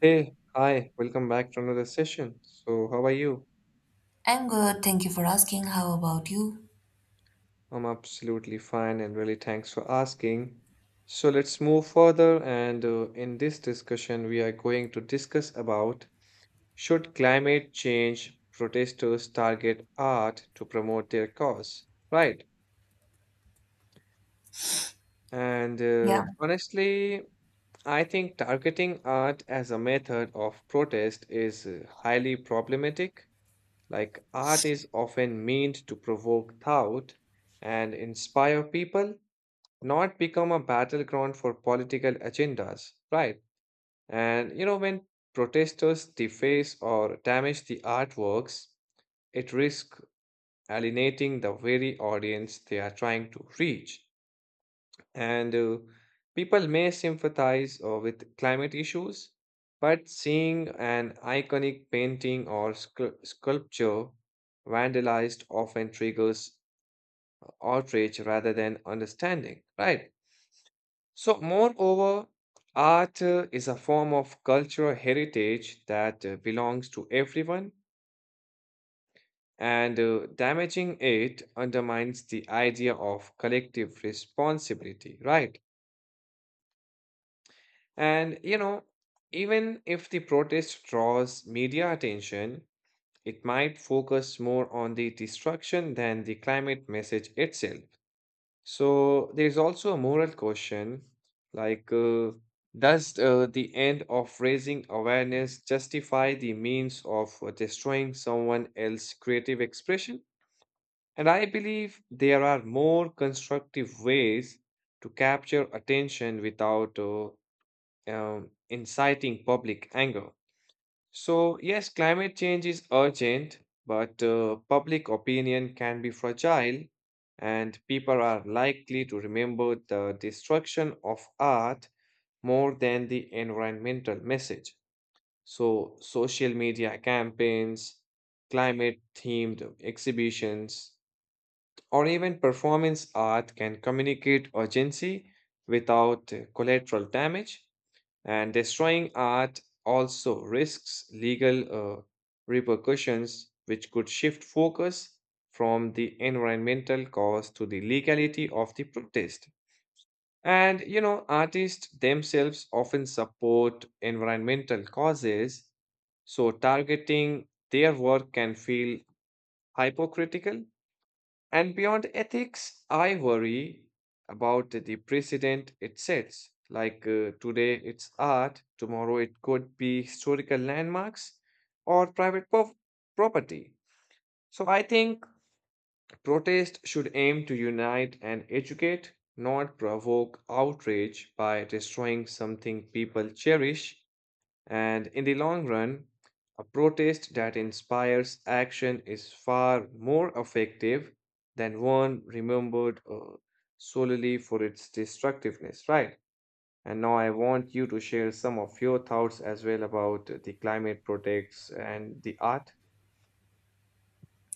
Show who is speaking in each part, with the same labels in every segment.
Speaker 1: Hey, hi, welcome back to another session. So, how are you?
Speaker 2: I'm good. Thank you for asking. How about you?
Speaker 1: I'm absolutely fine and really thanks for asking. So, let's move further. And In this discussion, we are going to discuss about should climate change protesters target art to promote their cause, right? And
Speaker 2: Yeah,
Speaker 1: Honestly, I think targeting art as a method of protest is highly problematic. Like, art is often meant to provoke thought and inspire people, not become a battleground for political agendas, right? And you know, when protesters deface or damage the artworks, it risks alienating the very audience they are trying to reach. And People may sympathize with climate issues, but seeing an iconic painting or sculpture vandalized often triggers outrage rather than understanding, right? So, moreover, art is a form of cultural heritage that belongs to everyone, and damaging it undermines the idea of collective responsibility, right? And you know, even if the protest draws media attention, it might focus more on the destruction than the climate message itself. So there is also a moral question, like, does the end of raising awareness justify the means of destroying someone else's creative expression? And I believe there are more constructive ways to capture attention without inciting public anger. So, yes, climate change is urgent, but public opinion can be fragile, and people are likely to remember the destruction of art more than the environmental message. So, social media campaigns, climate themed exhibitions, or even performance art can communicate urgency without collateral damage. And destroying art also risks legal uh, repercussions, which could shift focus from the environmental cause to the legality of the protest. And you know, artists themselves often support environmental causes, so targeting their work can feel hypocritical, and beyond ethics, I worry about the precedent it sets. Like, today it's art, tomorrow it could be historical landmarks or property. So I think protest should aim to unite and educate, not provoke outrage by destroying something people cherish. And in the long run, a protest that inspires action is far more effective than one remembered solely for its destructiveness, right? And now I want you to share some of your thoughts as well about the climate protects and the art.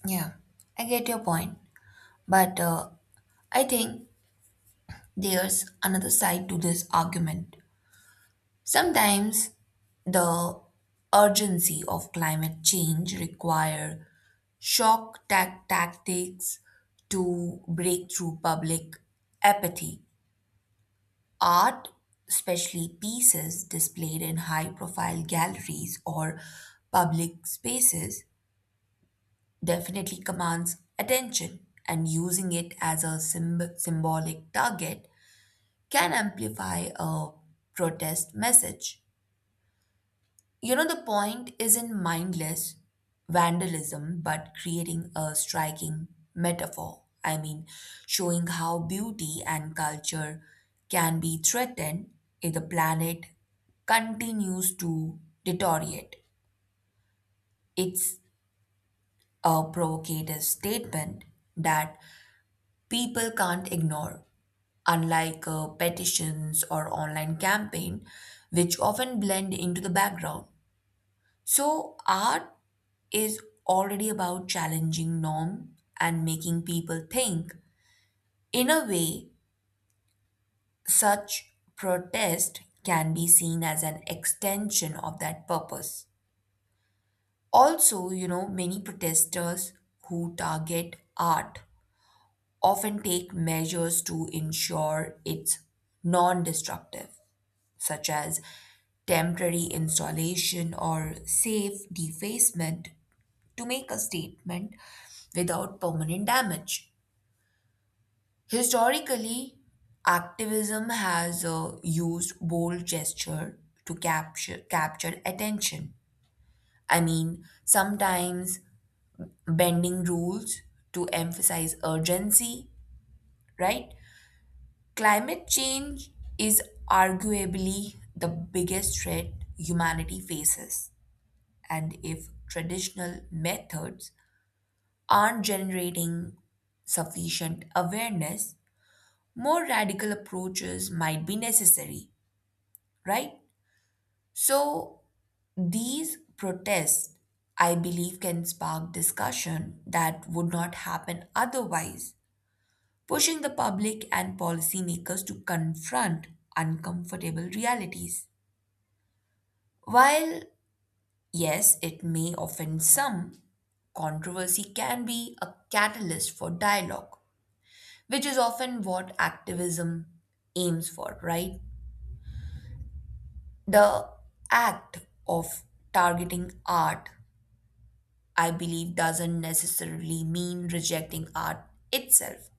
Speaker 2: yeah, I get your point. But I think there's another side to this argument. Sometimes the urgency of climate change require tactics to break through public apathy. Art, especially pieces displayed in high profile galleries or public spaces, definitely commands attention, and using it as a symbolic target can amplify a protest message. You know, the point isn't mindless vandalism, but creating a striking metaphor. I mean, showing how beauty and culture can be threatened if the planet continues to deteriorate. It's a provocative statement that people can't ignore, unlike petitions or online campaign, which often blend into the background. So art is already about challenging norm and making people think. In a way, such protest can be seen as an extension of that purpose. Also, you know, many protesters who target art often take measures to ensure it's non destructive such as temporary installation or safe defacement, to make a statement without permanent damage. Historically, activism has used bold gesture to capture attention. I mean, sometimes bending rules to emphasize urgency, right? Climate change is arguably the biggest threat humanity faces. And if traditional methods aren't generating sufficient awareness, more radical approaches might be necessary, right? So, these protests, I believe, can spark discussion that would not happen otherwise, pushing the public and policymakers to confront uncomfortable realities. While yes, it may offend some. Controversy can be a catalyst for dialogue, which is often what activism aims for, right? The act of targeting art, I believe, doesn't necessarily mean rejecting art itself.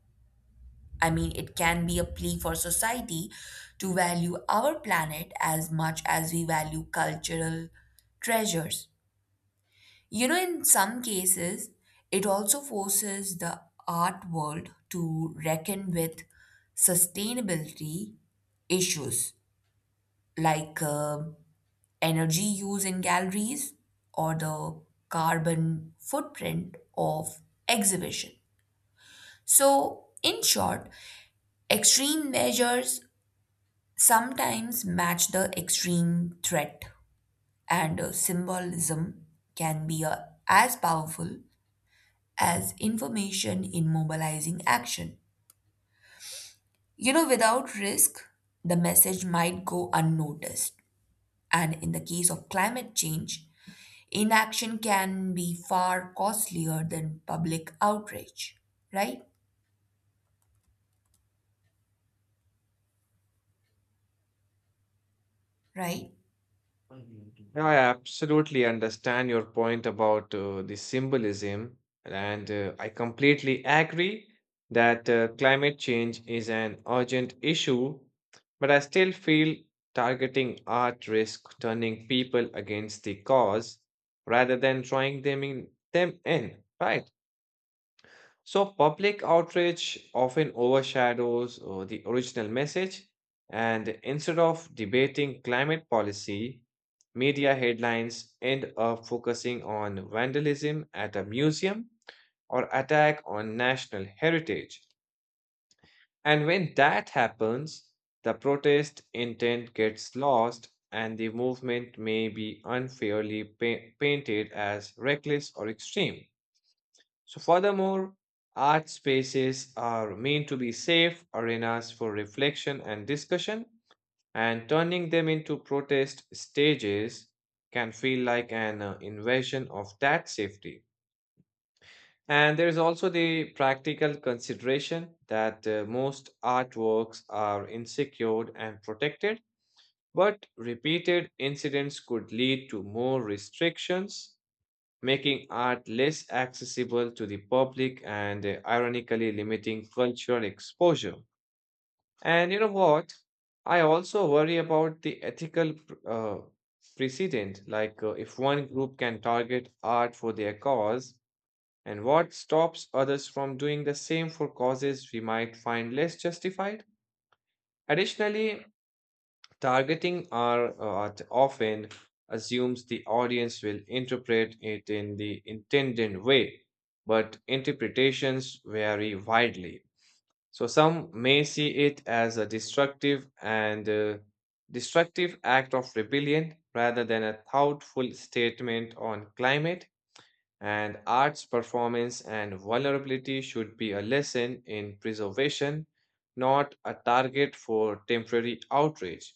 Speaker 2: I mean, it can be a plea for society to value our planet as much as we value cultural treasures. You know, in some cases, it also forces the art world to reckon with sustainability issues like energy use in galleries or the carbon footprint of exhibition. So, in short, extreme measures sometimes match the extreme threat, and symbolism can be as powerful as information in mobilizing action. You know, without risk, the message might go unnoticed. And in the case of climate change, inaction can be far costlier than public outrage. Right? Right?
Speaker 1: No, I absolutely understand your point about the symbolism, and I completely agree that climate change is an urgent issue, but I still feel targeting art risk turning people against the cause rather than drawing them in, right? So, public outrage often overshadows the original message, and instead of debating climate policy, media headlines end up focusing on vandalism at a museum or attack on national heritage. And when that happens, the protest intent gets lost, and the movement may be unfairly painted as reckless or extreme. So, furthermore, art spaces are meant to be safe arenas for reflection and discussion, and turning them into protest stages can feel like an invasion of that safety. And there is also the practical consideration that most artworks are insecure and protected, but repeated incidents could lead to more restrictions, making art less accessible to the public and ironically limiting cultural exposure. And you know what? I also worry about the ethical precedent, like, if one group can target art for their cause, and what stops others from doing the same for causes we might find less justified? Additionally, targeting our art often assumes the audience will interpret it in the intended way, but interpretations vary widely. So some may see it as a destructive act of rebellion rather than a thoughtful statement on climate, and arts performance and vulnerability should be a lesson in preservation, not a target for temporary outrage.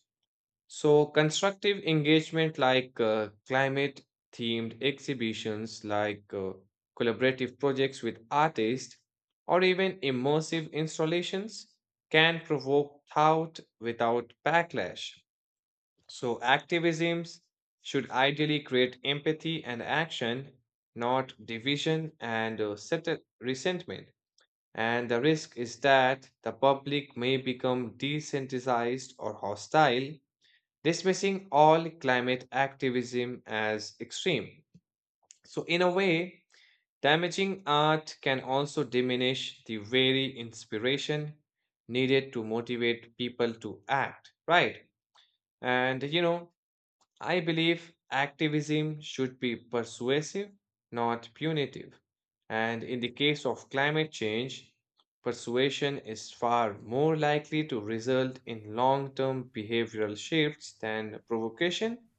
Speaker 1: So, constructive engagement like, climate themed exhibitions, like, collaborative projects with artists, or even immersive installations can provoke thought without backlash. So, activisms should ideally create empathy and action, not division and resentment. And the risk is that the public may become desensitized or hostile, dismissing all climate activism as extreme. So, in a way, damaging art can also diminish the very inspiration needed to motivate people to act, right? And you know, I believe activism should be persuasive, not punitive. And in the case of climate change, persuasion is far more likely to result in long term behavioral shifts than provocation.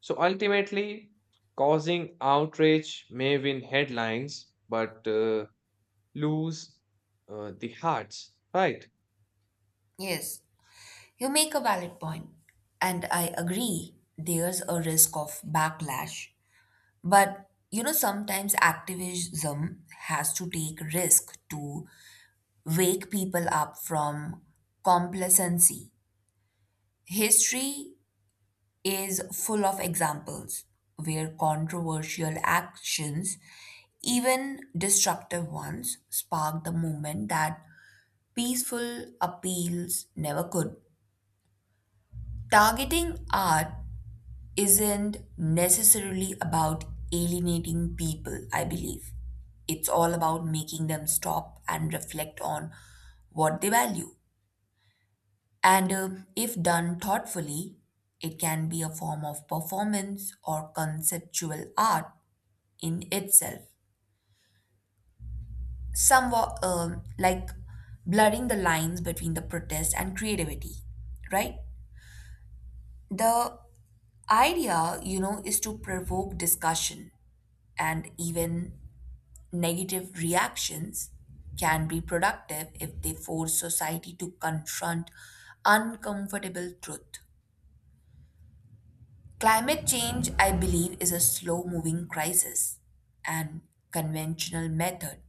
Speaker 1: So ultimately, causing outrage may win headlines, but lose the hearts, right?
Speaker 2: Yes. You make a valid point. And I agree, there's a risk of backlash. But you know, sometimes activism has to take risk to wake people up from complacency. History is full of examples where controversial actions, even destructive ones, sparked the movement that peaceful appeals never could. Targeting art isn't necessarily about alienating people, I believe. It's all about making them stop and reflect on what they value. And if done thoughtfully, it can be a form of performance or conceptual art in itself, somewhat like blurring the lines between the protest and creativity, right? The idea, you know, is to provoke discussion and even negative reactions can be productive if they force society to confront uncomfortable truth. Climate change, I believe, is a slow moving crisis, and conventional method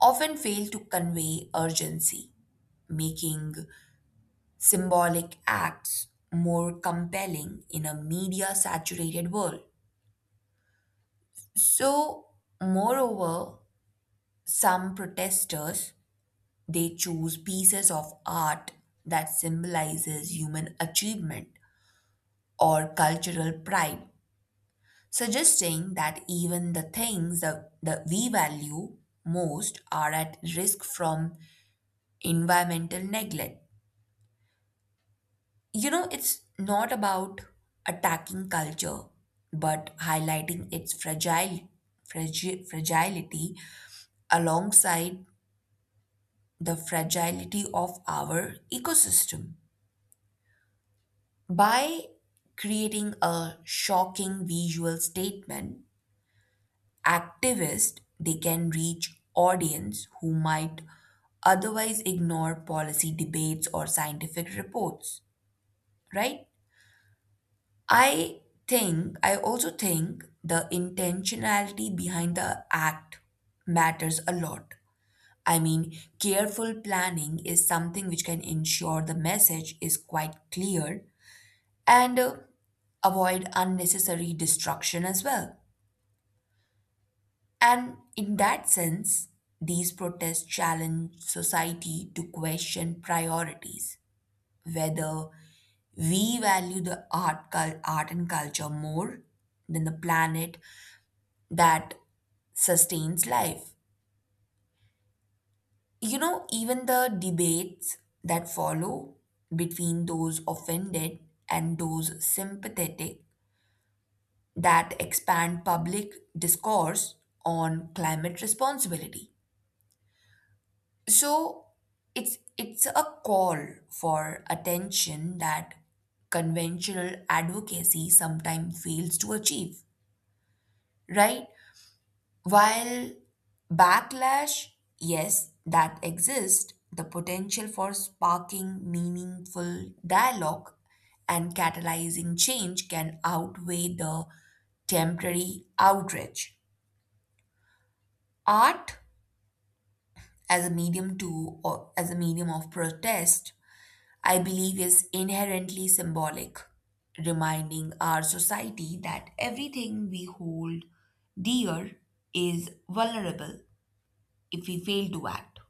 Speaker 2: often fail to convey urgency, making symbolic acts more compelling in a media saturated world. So, moreover, some protesters they choose pieces of art that symbolizes human achievement or cultural pride suggesting that even the things that we value most are at risk from environmental neglect. You know, it's not about attacking culture, but highlighting its fragility alongside the fragility of our ecosystem. By creating a shocking visual statement activists, they can reach audience who might otherwise ignore policy debates or scientific reports, right? I I also think the intentionality behind the act matters a lot. I mean, careful planning is something which can ensure the message is quite clear and avoid unnecessary destruction as well. And in that sense, these protests challenge society to question priorities, whether we value the art and culture more than the planet that sustains life. You know, even the debates that follow between those offended and those sympathetic that expand public discourse on climate responsibility. So it's a call for attention that conventional advocacy sometimes fails to achieve, right? While backlash, yes, that exists, the potential for sparking meaningful dialogue and catalyzing change can outweigh the temporary outrage. Art as a medium of protest I believe is inherently symbolic, reminding our society that everything we hold dear is vulnerable if we fail to act.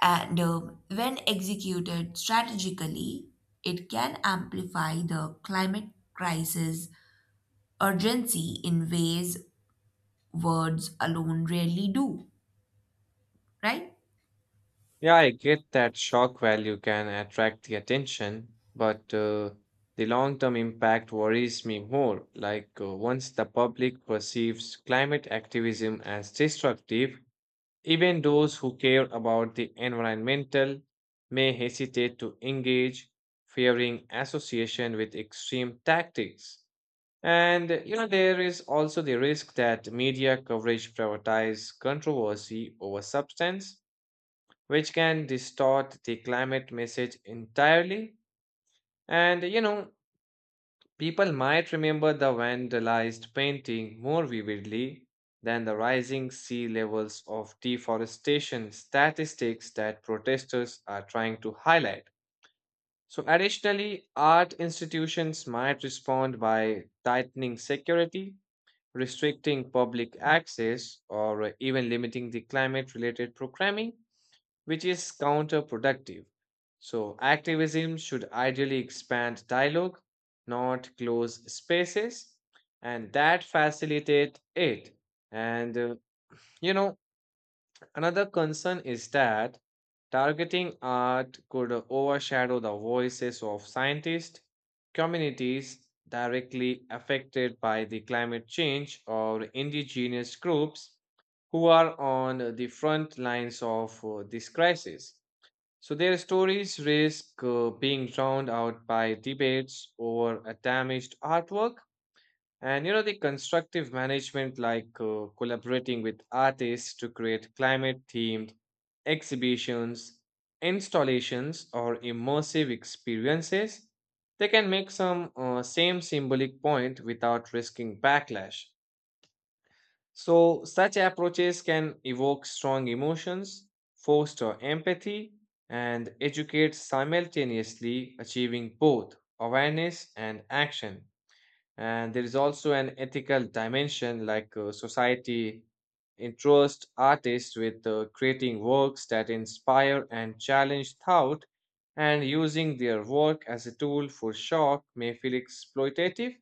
Speaker 2: And when executed strategically, it can amplify the climate crisis urgency in ways words alone rarely do, right?
Speaker 1: Yeah, I get that shock value can attract the attention, but the long term impact worries me more. Like, once the public perceives climate activism as destructive, even those who care about the environmental may hesitate to engage, fearing association with extreme tactics. And you know, there is also the risk that media coverage prioritizes controversy over substance, which can distort the climate message entirely. And you know, people might remember the vandalized painting more vividly than the rising sea levels of deforestation statistics that protesters are trying to highlight. So, additionally, art institutions might respond by tightening security, restricting public access, or even limiting the climate related programming, which is counterproductive. So, activism should ideally expand dialogue, not close spaces, and that facilitate it. And You know, another concern is that targeting art could overshadow the voices of scientists, communities directly affected by the climate change, or indigenous groups who are on the front lines of this crisis. So their stories risk being drowned out by debates over a damaged artwork. And you know, the constructive management, like, collaborating with artists to create climate themed exhibitions, installations, or immersive experiences, they can make some same symbolic point without risking backlash. So, such approaches can evoke strong emotions, foster empathy, and educate simultaneously, achieving both awareness and action. And there is also an ethical dimension, like, society entrust artists with creating works that inspire and challenge thought, and using their work as a tool for shock may feel exploitative.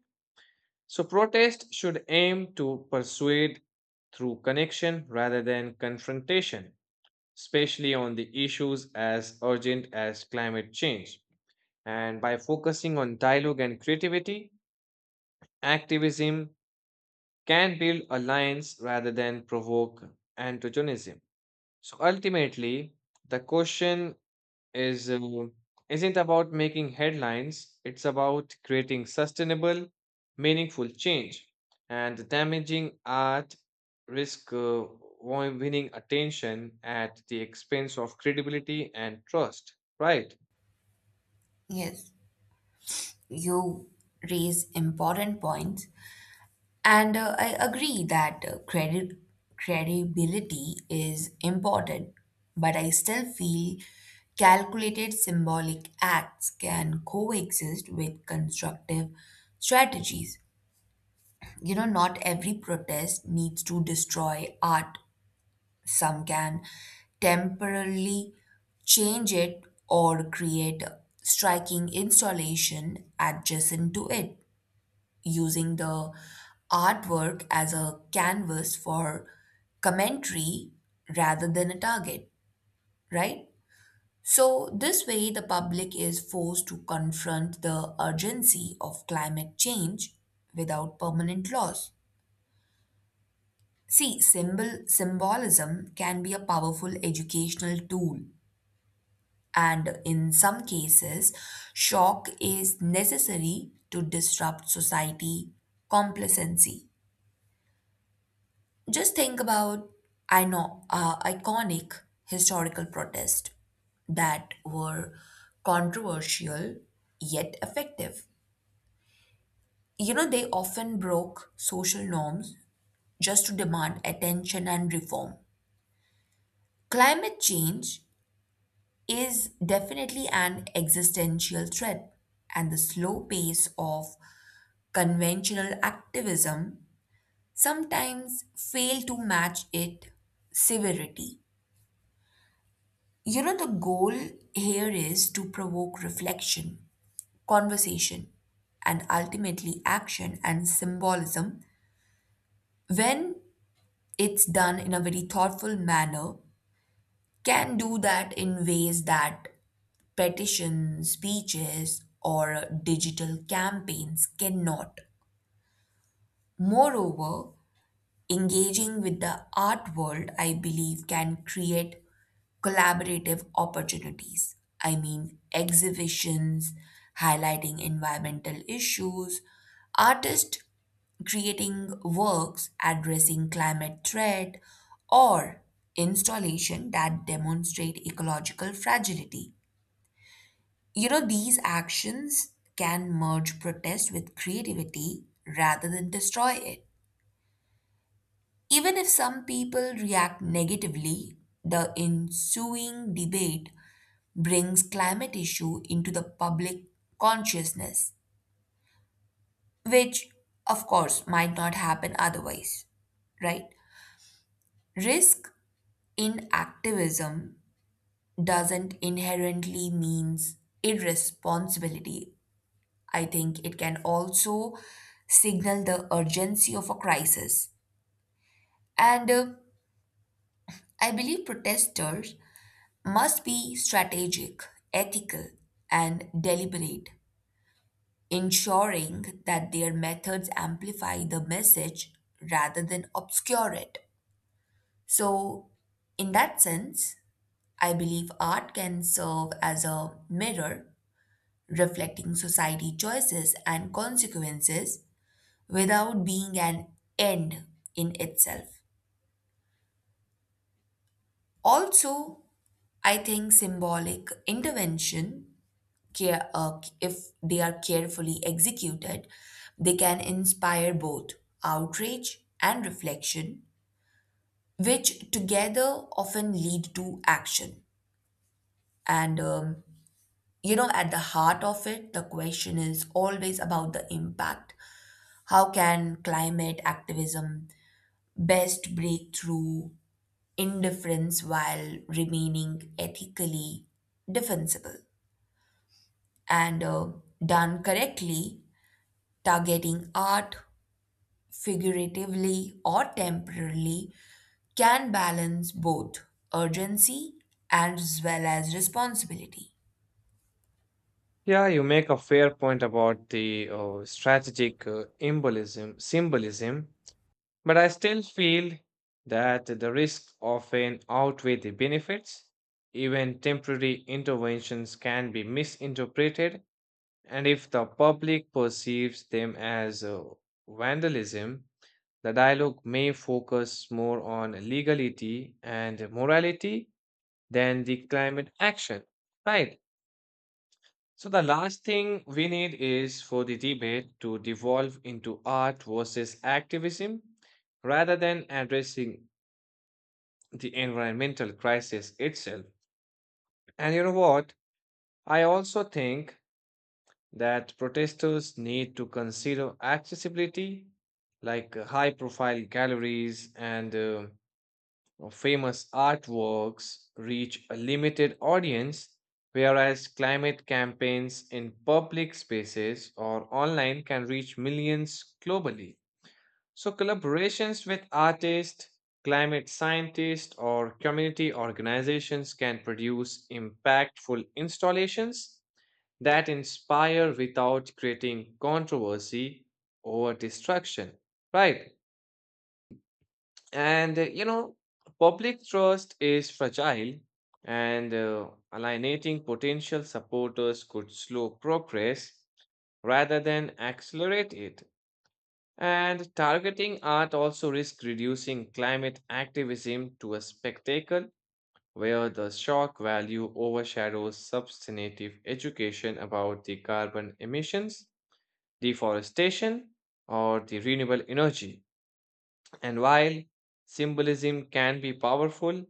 Speaker 1: So, protest should aim to persuade through connection rather than confrontation, especially on the issues as urgent as climate change. And by focusing on dialogue and creativity, activism can build alliance rather than provoke antagonism. So ultimately, the question is, isn't about making headlines, it's about creating sustainable, meaningful change, and damaging art risk winning attention at the expense of credibility and trust, right?
Speaker 2: Yes, you raise important points. And I agree that credibility is important, but I still feel calculated symbolic acts can coexist with constructive strategies. You know, not every protest needs to destroy art, some can temporarily change it or create a striking installation adjacent to it using the artwork as a canvas for commentary rather than a target, right? So, this way, the public is forced to confront the urgency of climate change without permanent loss. See, symbolism can be a powerful educational tool, and in some cases, shock is necessary to disrupt society complacency. Just think about I know iconic historical protests that were controversial yet effective. You know, they often broke social norms just to demand attention and reform. Climate change is definitely an existential threat, and the slow pace of conventional activism sometimes fail to match its severity. You know, the goal here is to provoke reflection, conversation, and ultimately action and symbolism when it's done in a very thoughtful manner, can do that in ways that petitions, speeches, or digital campaigns cannot. Moreover, engaging with the art world, I believe, can create collaborative opportunities. I mean, exhibitions highlighting environmental issues, artists creating works addressing climate threat, or installation that demonstrate ecological fragility. You know, these actions can merge protest with creativity rather than destroy it. Even if some people react negatively, the ensuing debate brings climate issue into the public consciousness, which of course might not happen otherwise, right? Risk in activism doesn't inherently means irresponsibility. I think it can also signal the urgency of a crisis. And I believe protesters must be strategic, ethical, and deliberate ensuring that their methods amplify the message rather than obscure it. So, in that sense, I believe art can serve as a mirror reflecting society choices and consequences without being an end in itself. Also, I think symbolic intervention if they are carefully executed, they can inspire both outrage and reflection, which together often lead to action. And you know, at the heart of it, the question is always about the impact. How can climate activism best break through indifference while remaining ethically defensible? And done correctly, targeting art, figuratively or temporarily, can balance both urgency as well as responsibility.
Speaker 1: Yeah, you make a fair point about the strategic embolism symbolism. But I still feel that the risks often outweigh the benefits. Even temporary interventions can be misinterpreted, and if the public perceives them as vandalism, the dialogue may focus more on legality and morality than the climate action. Right. So, the last thing we need is for the debate to devolve into art versus activism rather than addressing the environmental crisis itself. And you know what? I also think that protesters need to consider accessibility, like high profile galleries and famous artworks reach a limited audience, whereas climate campaigns in public spaces or online can reach millions globally. So, collaborations with artists, climate scientists, or community organizations can produce impactful installations that inspire without creating controversy or destruction. Right. And you know, public trust is fragile, and alienating potential supporters could slow progress rather than accelerate it. And targeting art also risks reducing climate activism to a spectacle where the shock value overshadows substantive education about the carbon emissions, deforestation, or the renewable energy. And while symbolism can be powerful,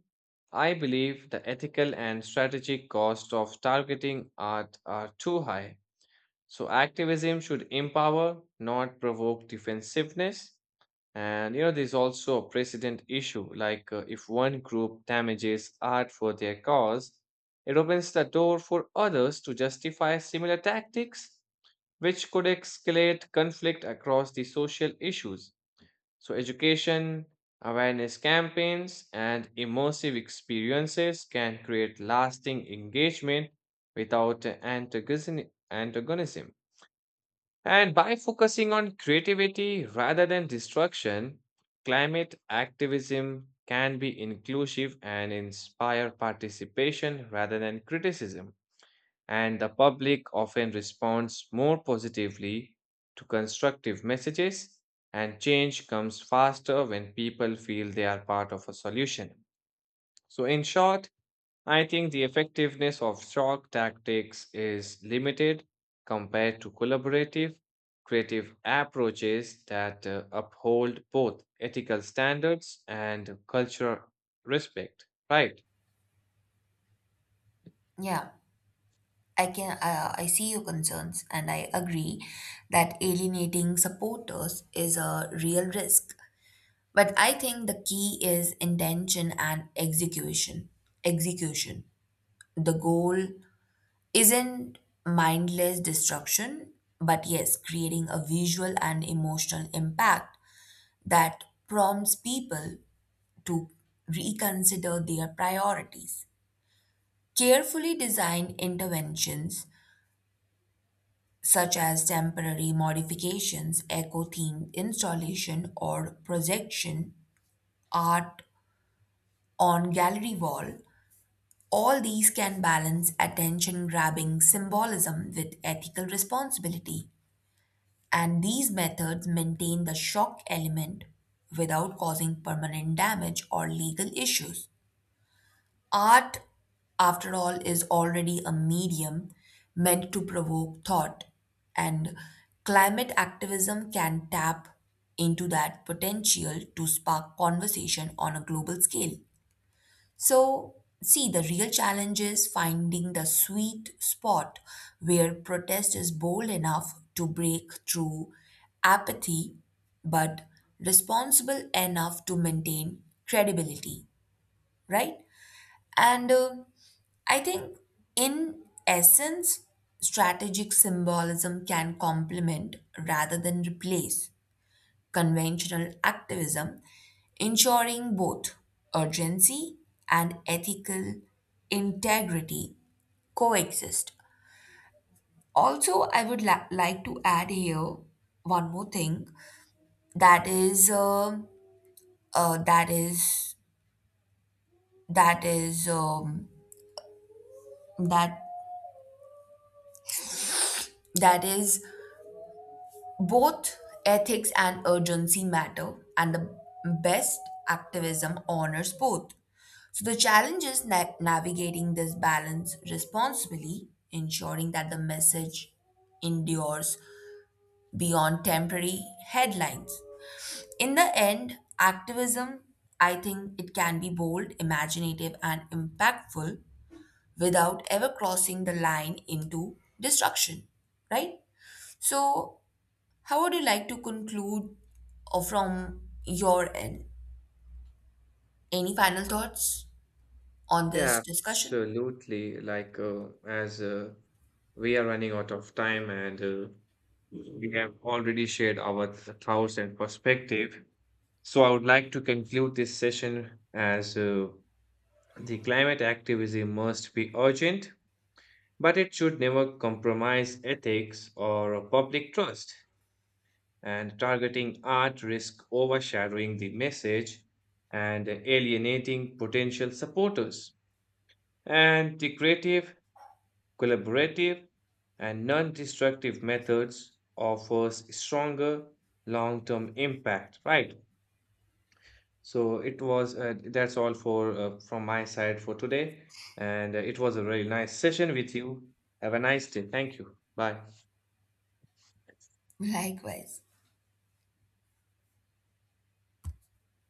Speaker 1: I believe the ethical and strategic cost of targeting art are too high. So activism should empower, not provoke defensiveness. And you know, there's also a precedent issue, like, if one group damages art for their cause, it opens the door for others to justify similar tactics, which could escalate conflict across the social issues. So, education, awareness campaigns, and immersive experiences can create lasting engagement without antagonism. And by focusing on creativity rather than destruction, climate activism can be inclusive and inspire participation rather than criticism. And the public often responds more positively to constructive messages, and change comes faster when people feel they are part of a solution. So, in short, I think the effectiveness of shock tactics is limited compared to collaborative, creative approaches that uphold both ethical standards and cultural respect, right?
Speaker 2: Yeah, I can. I see your concerns, and I agree that alienating supporters is a real risk. But I think the key is intention and execution. Execution. The goal isn't mindless destruction, but yes, creating a visual and emotional impact that prompts people to reconsider their priorities. Carefully designed interventions such as temporary modifications, eco themed installation or projection, art on gallery wall, all these can balance attention grabbing symbolism with ethical responsibility. And these methods maintain the shock element without causing permanent damage or legal issues. Art, after all, is already a medium meant to provoke thought, and climate activism can tap into that potential to spark conversation on a global scale. So, see, the real challenge is finding the sweet spot where protest is bold enough to break through apathy but responsible enough to maintain credibility, right? And uh, I think, in essence, strategic symbolism can complement rather than replace conventional activism, ensuring both urgency and ethical integrity coexist. Also, I would like to add here one more thing that is that is that is that that is both ethics and urgency matter, and the best activism honors both. So, the challenge is navigating this balance responsibly, ensuring that the message endures beyond temporary headlines. In the end, activism, I think it can be bold, imaginative, and impactful without ever crossing the line into destruction, right? So, how would you like to conclude from your end? Any final thoughts on this
Speaker 1: Yeah,
Speaker 2: discussion?
Speaker 1: absolutely. Like, as we are running out of time and we have already shared our thoughts and perspective. So I would like to conclude this session as, the climate activism must be urgent, but it should never compromise ethics or public trust. And targeting art risks overshadowing the message and alienating potential supporters. And the creative, collaborative, and non destructive methods offers stronger long term impact, right? So it was that's all for from my side for today, and it was a really nice session with you. Have a nice day. Thank you. Bye.
Speaker 2: Likewise.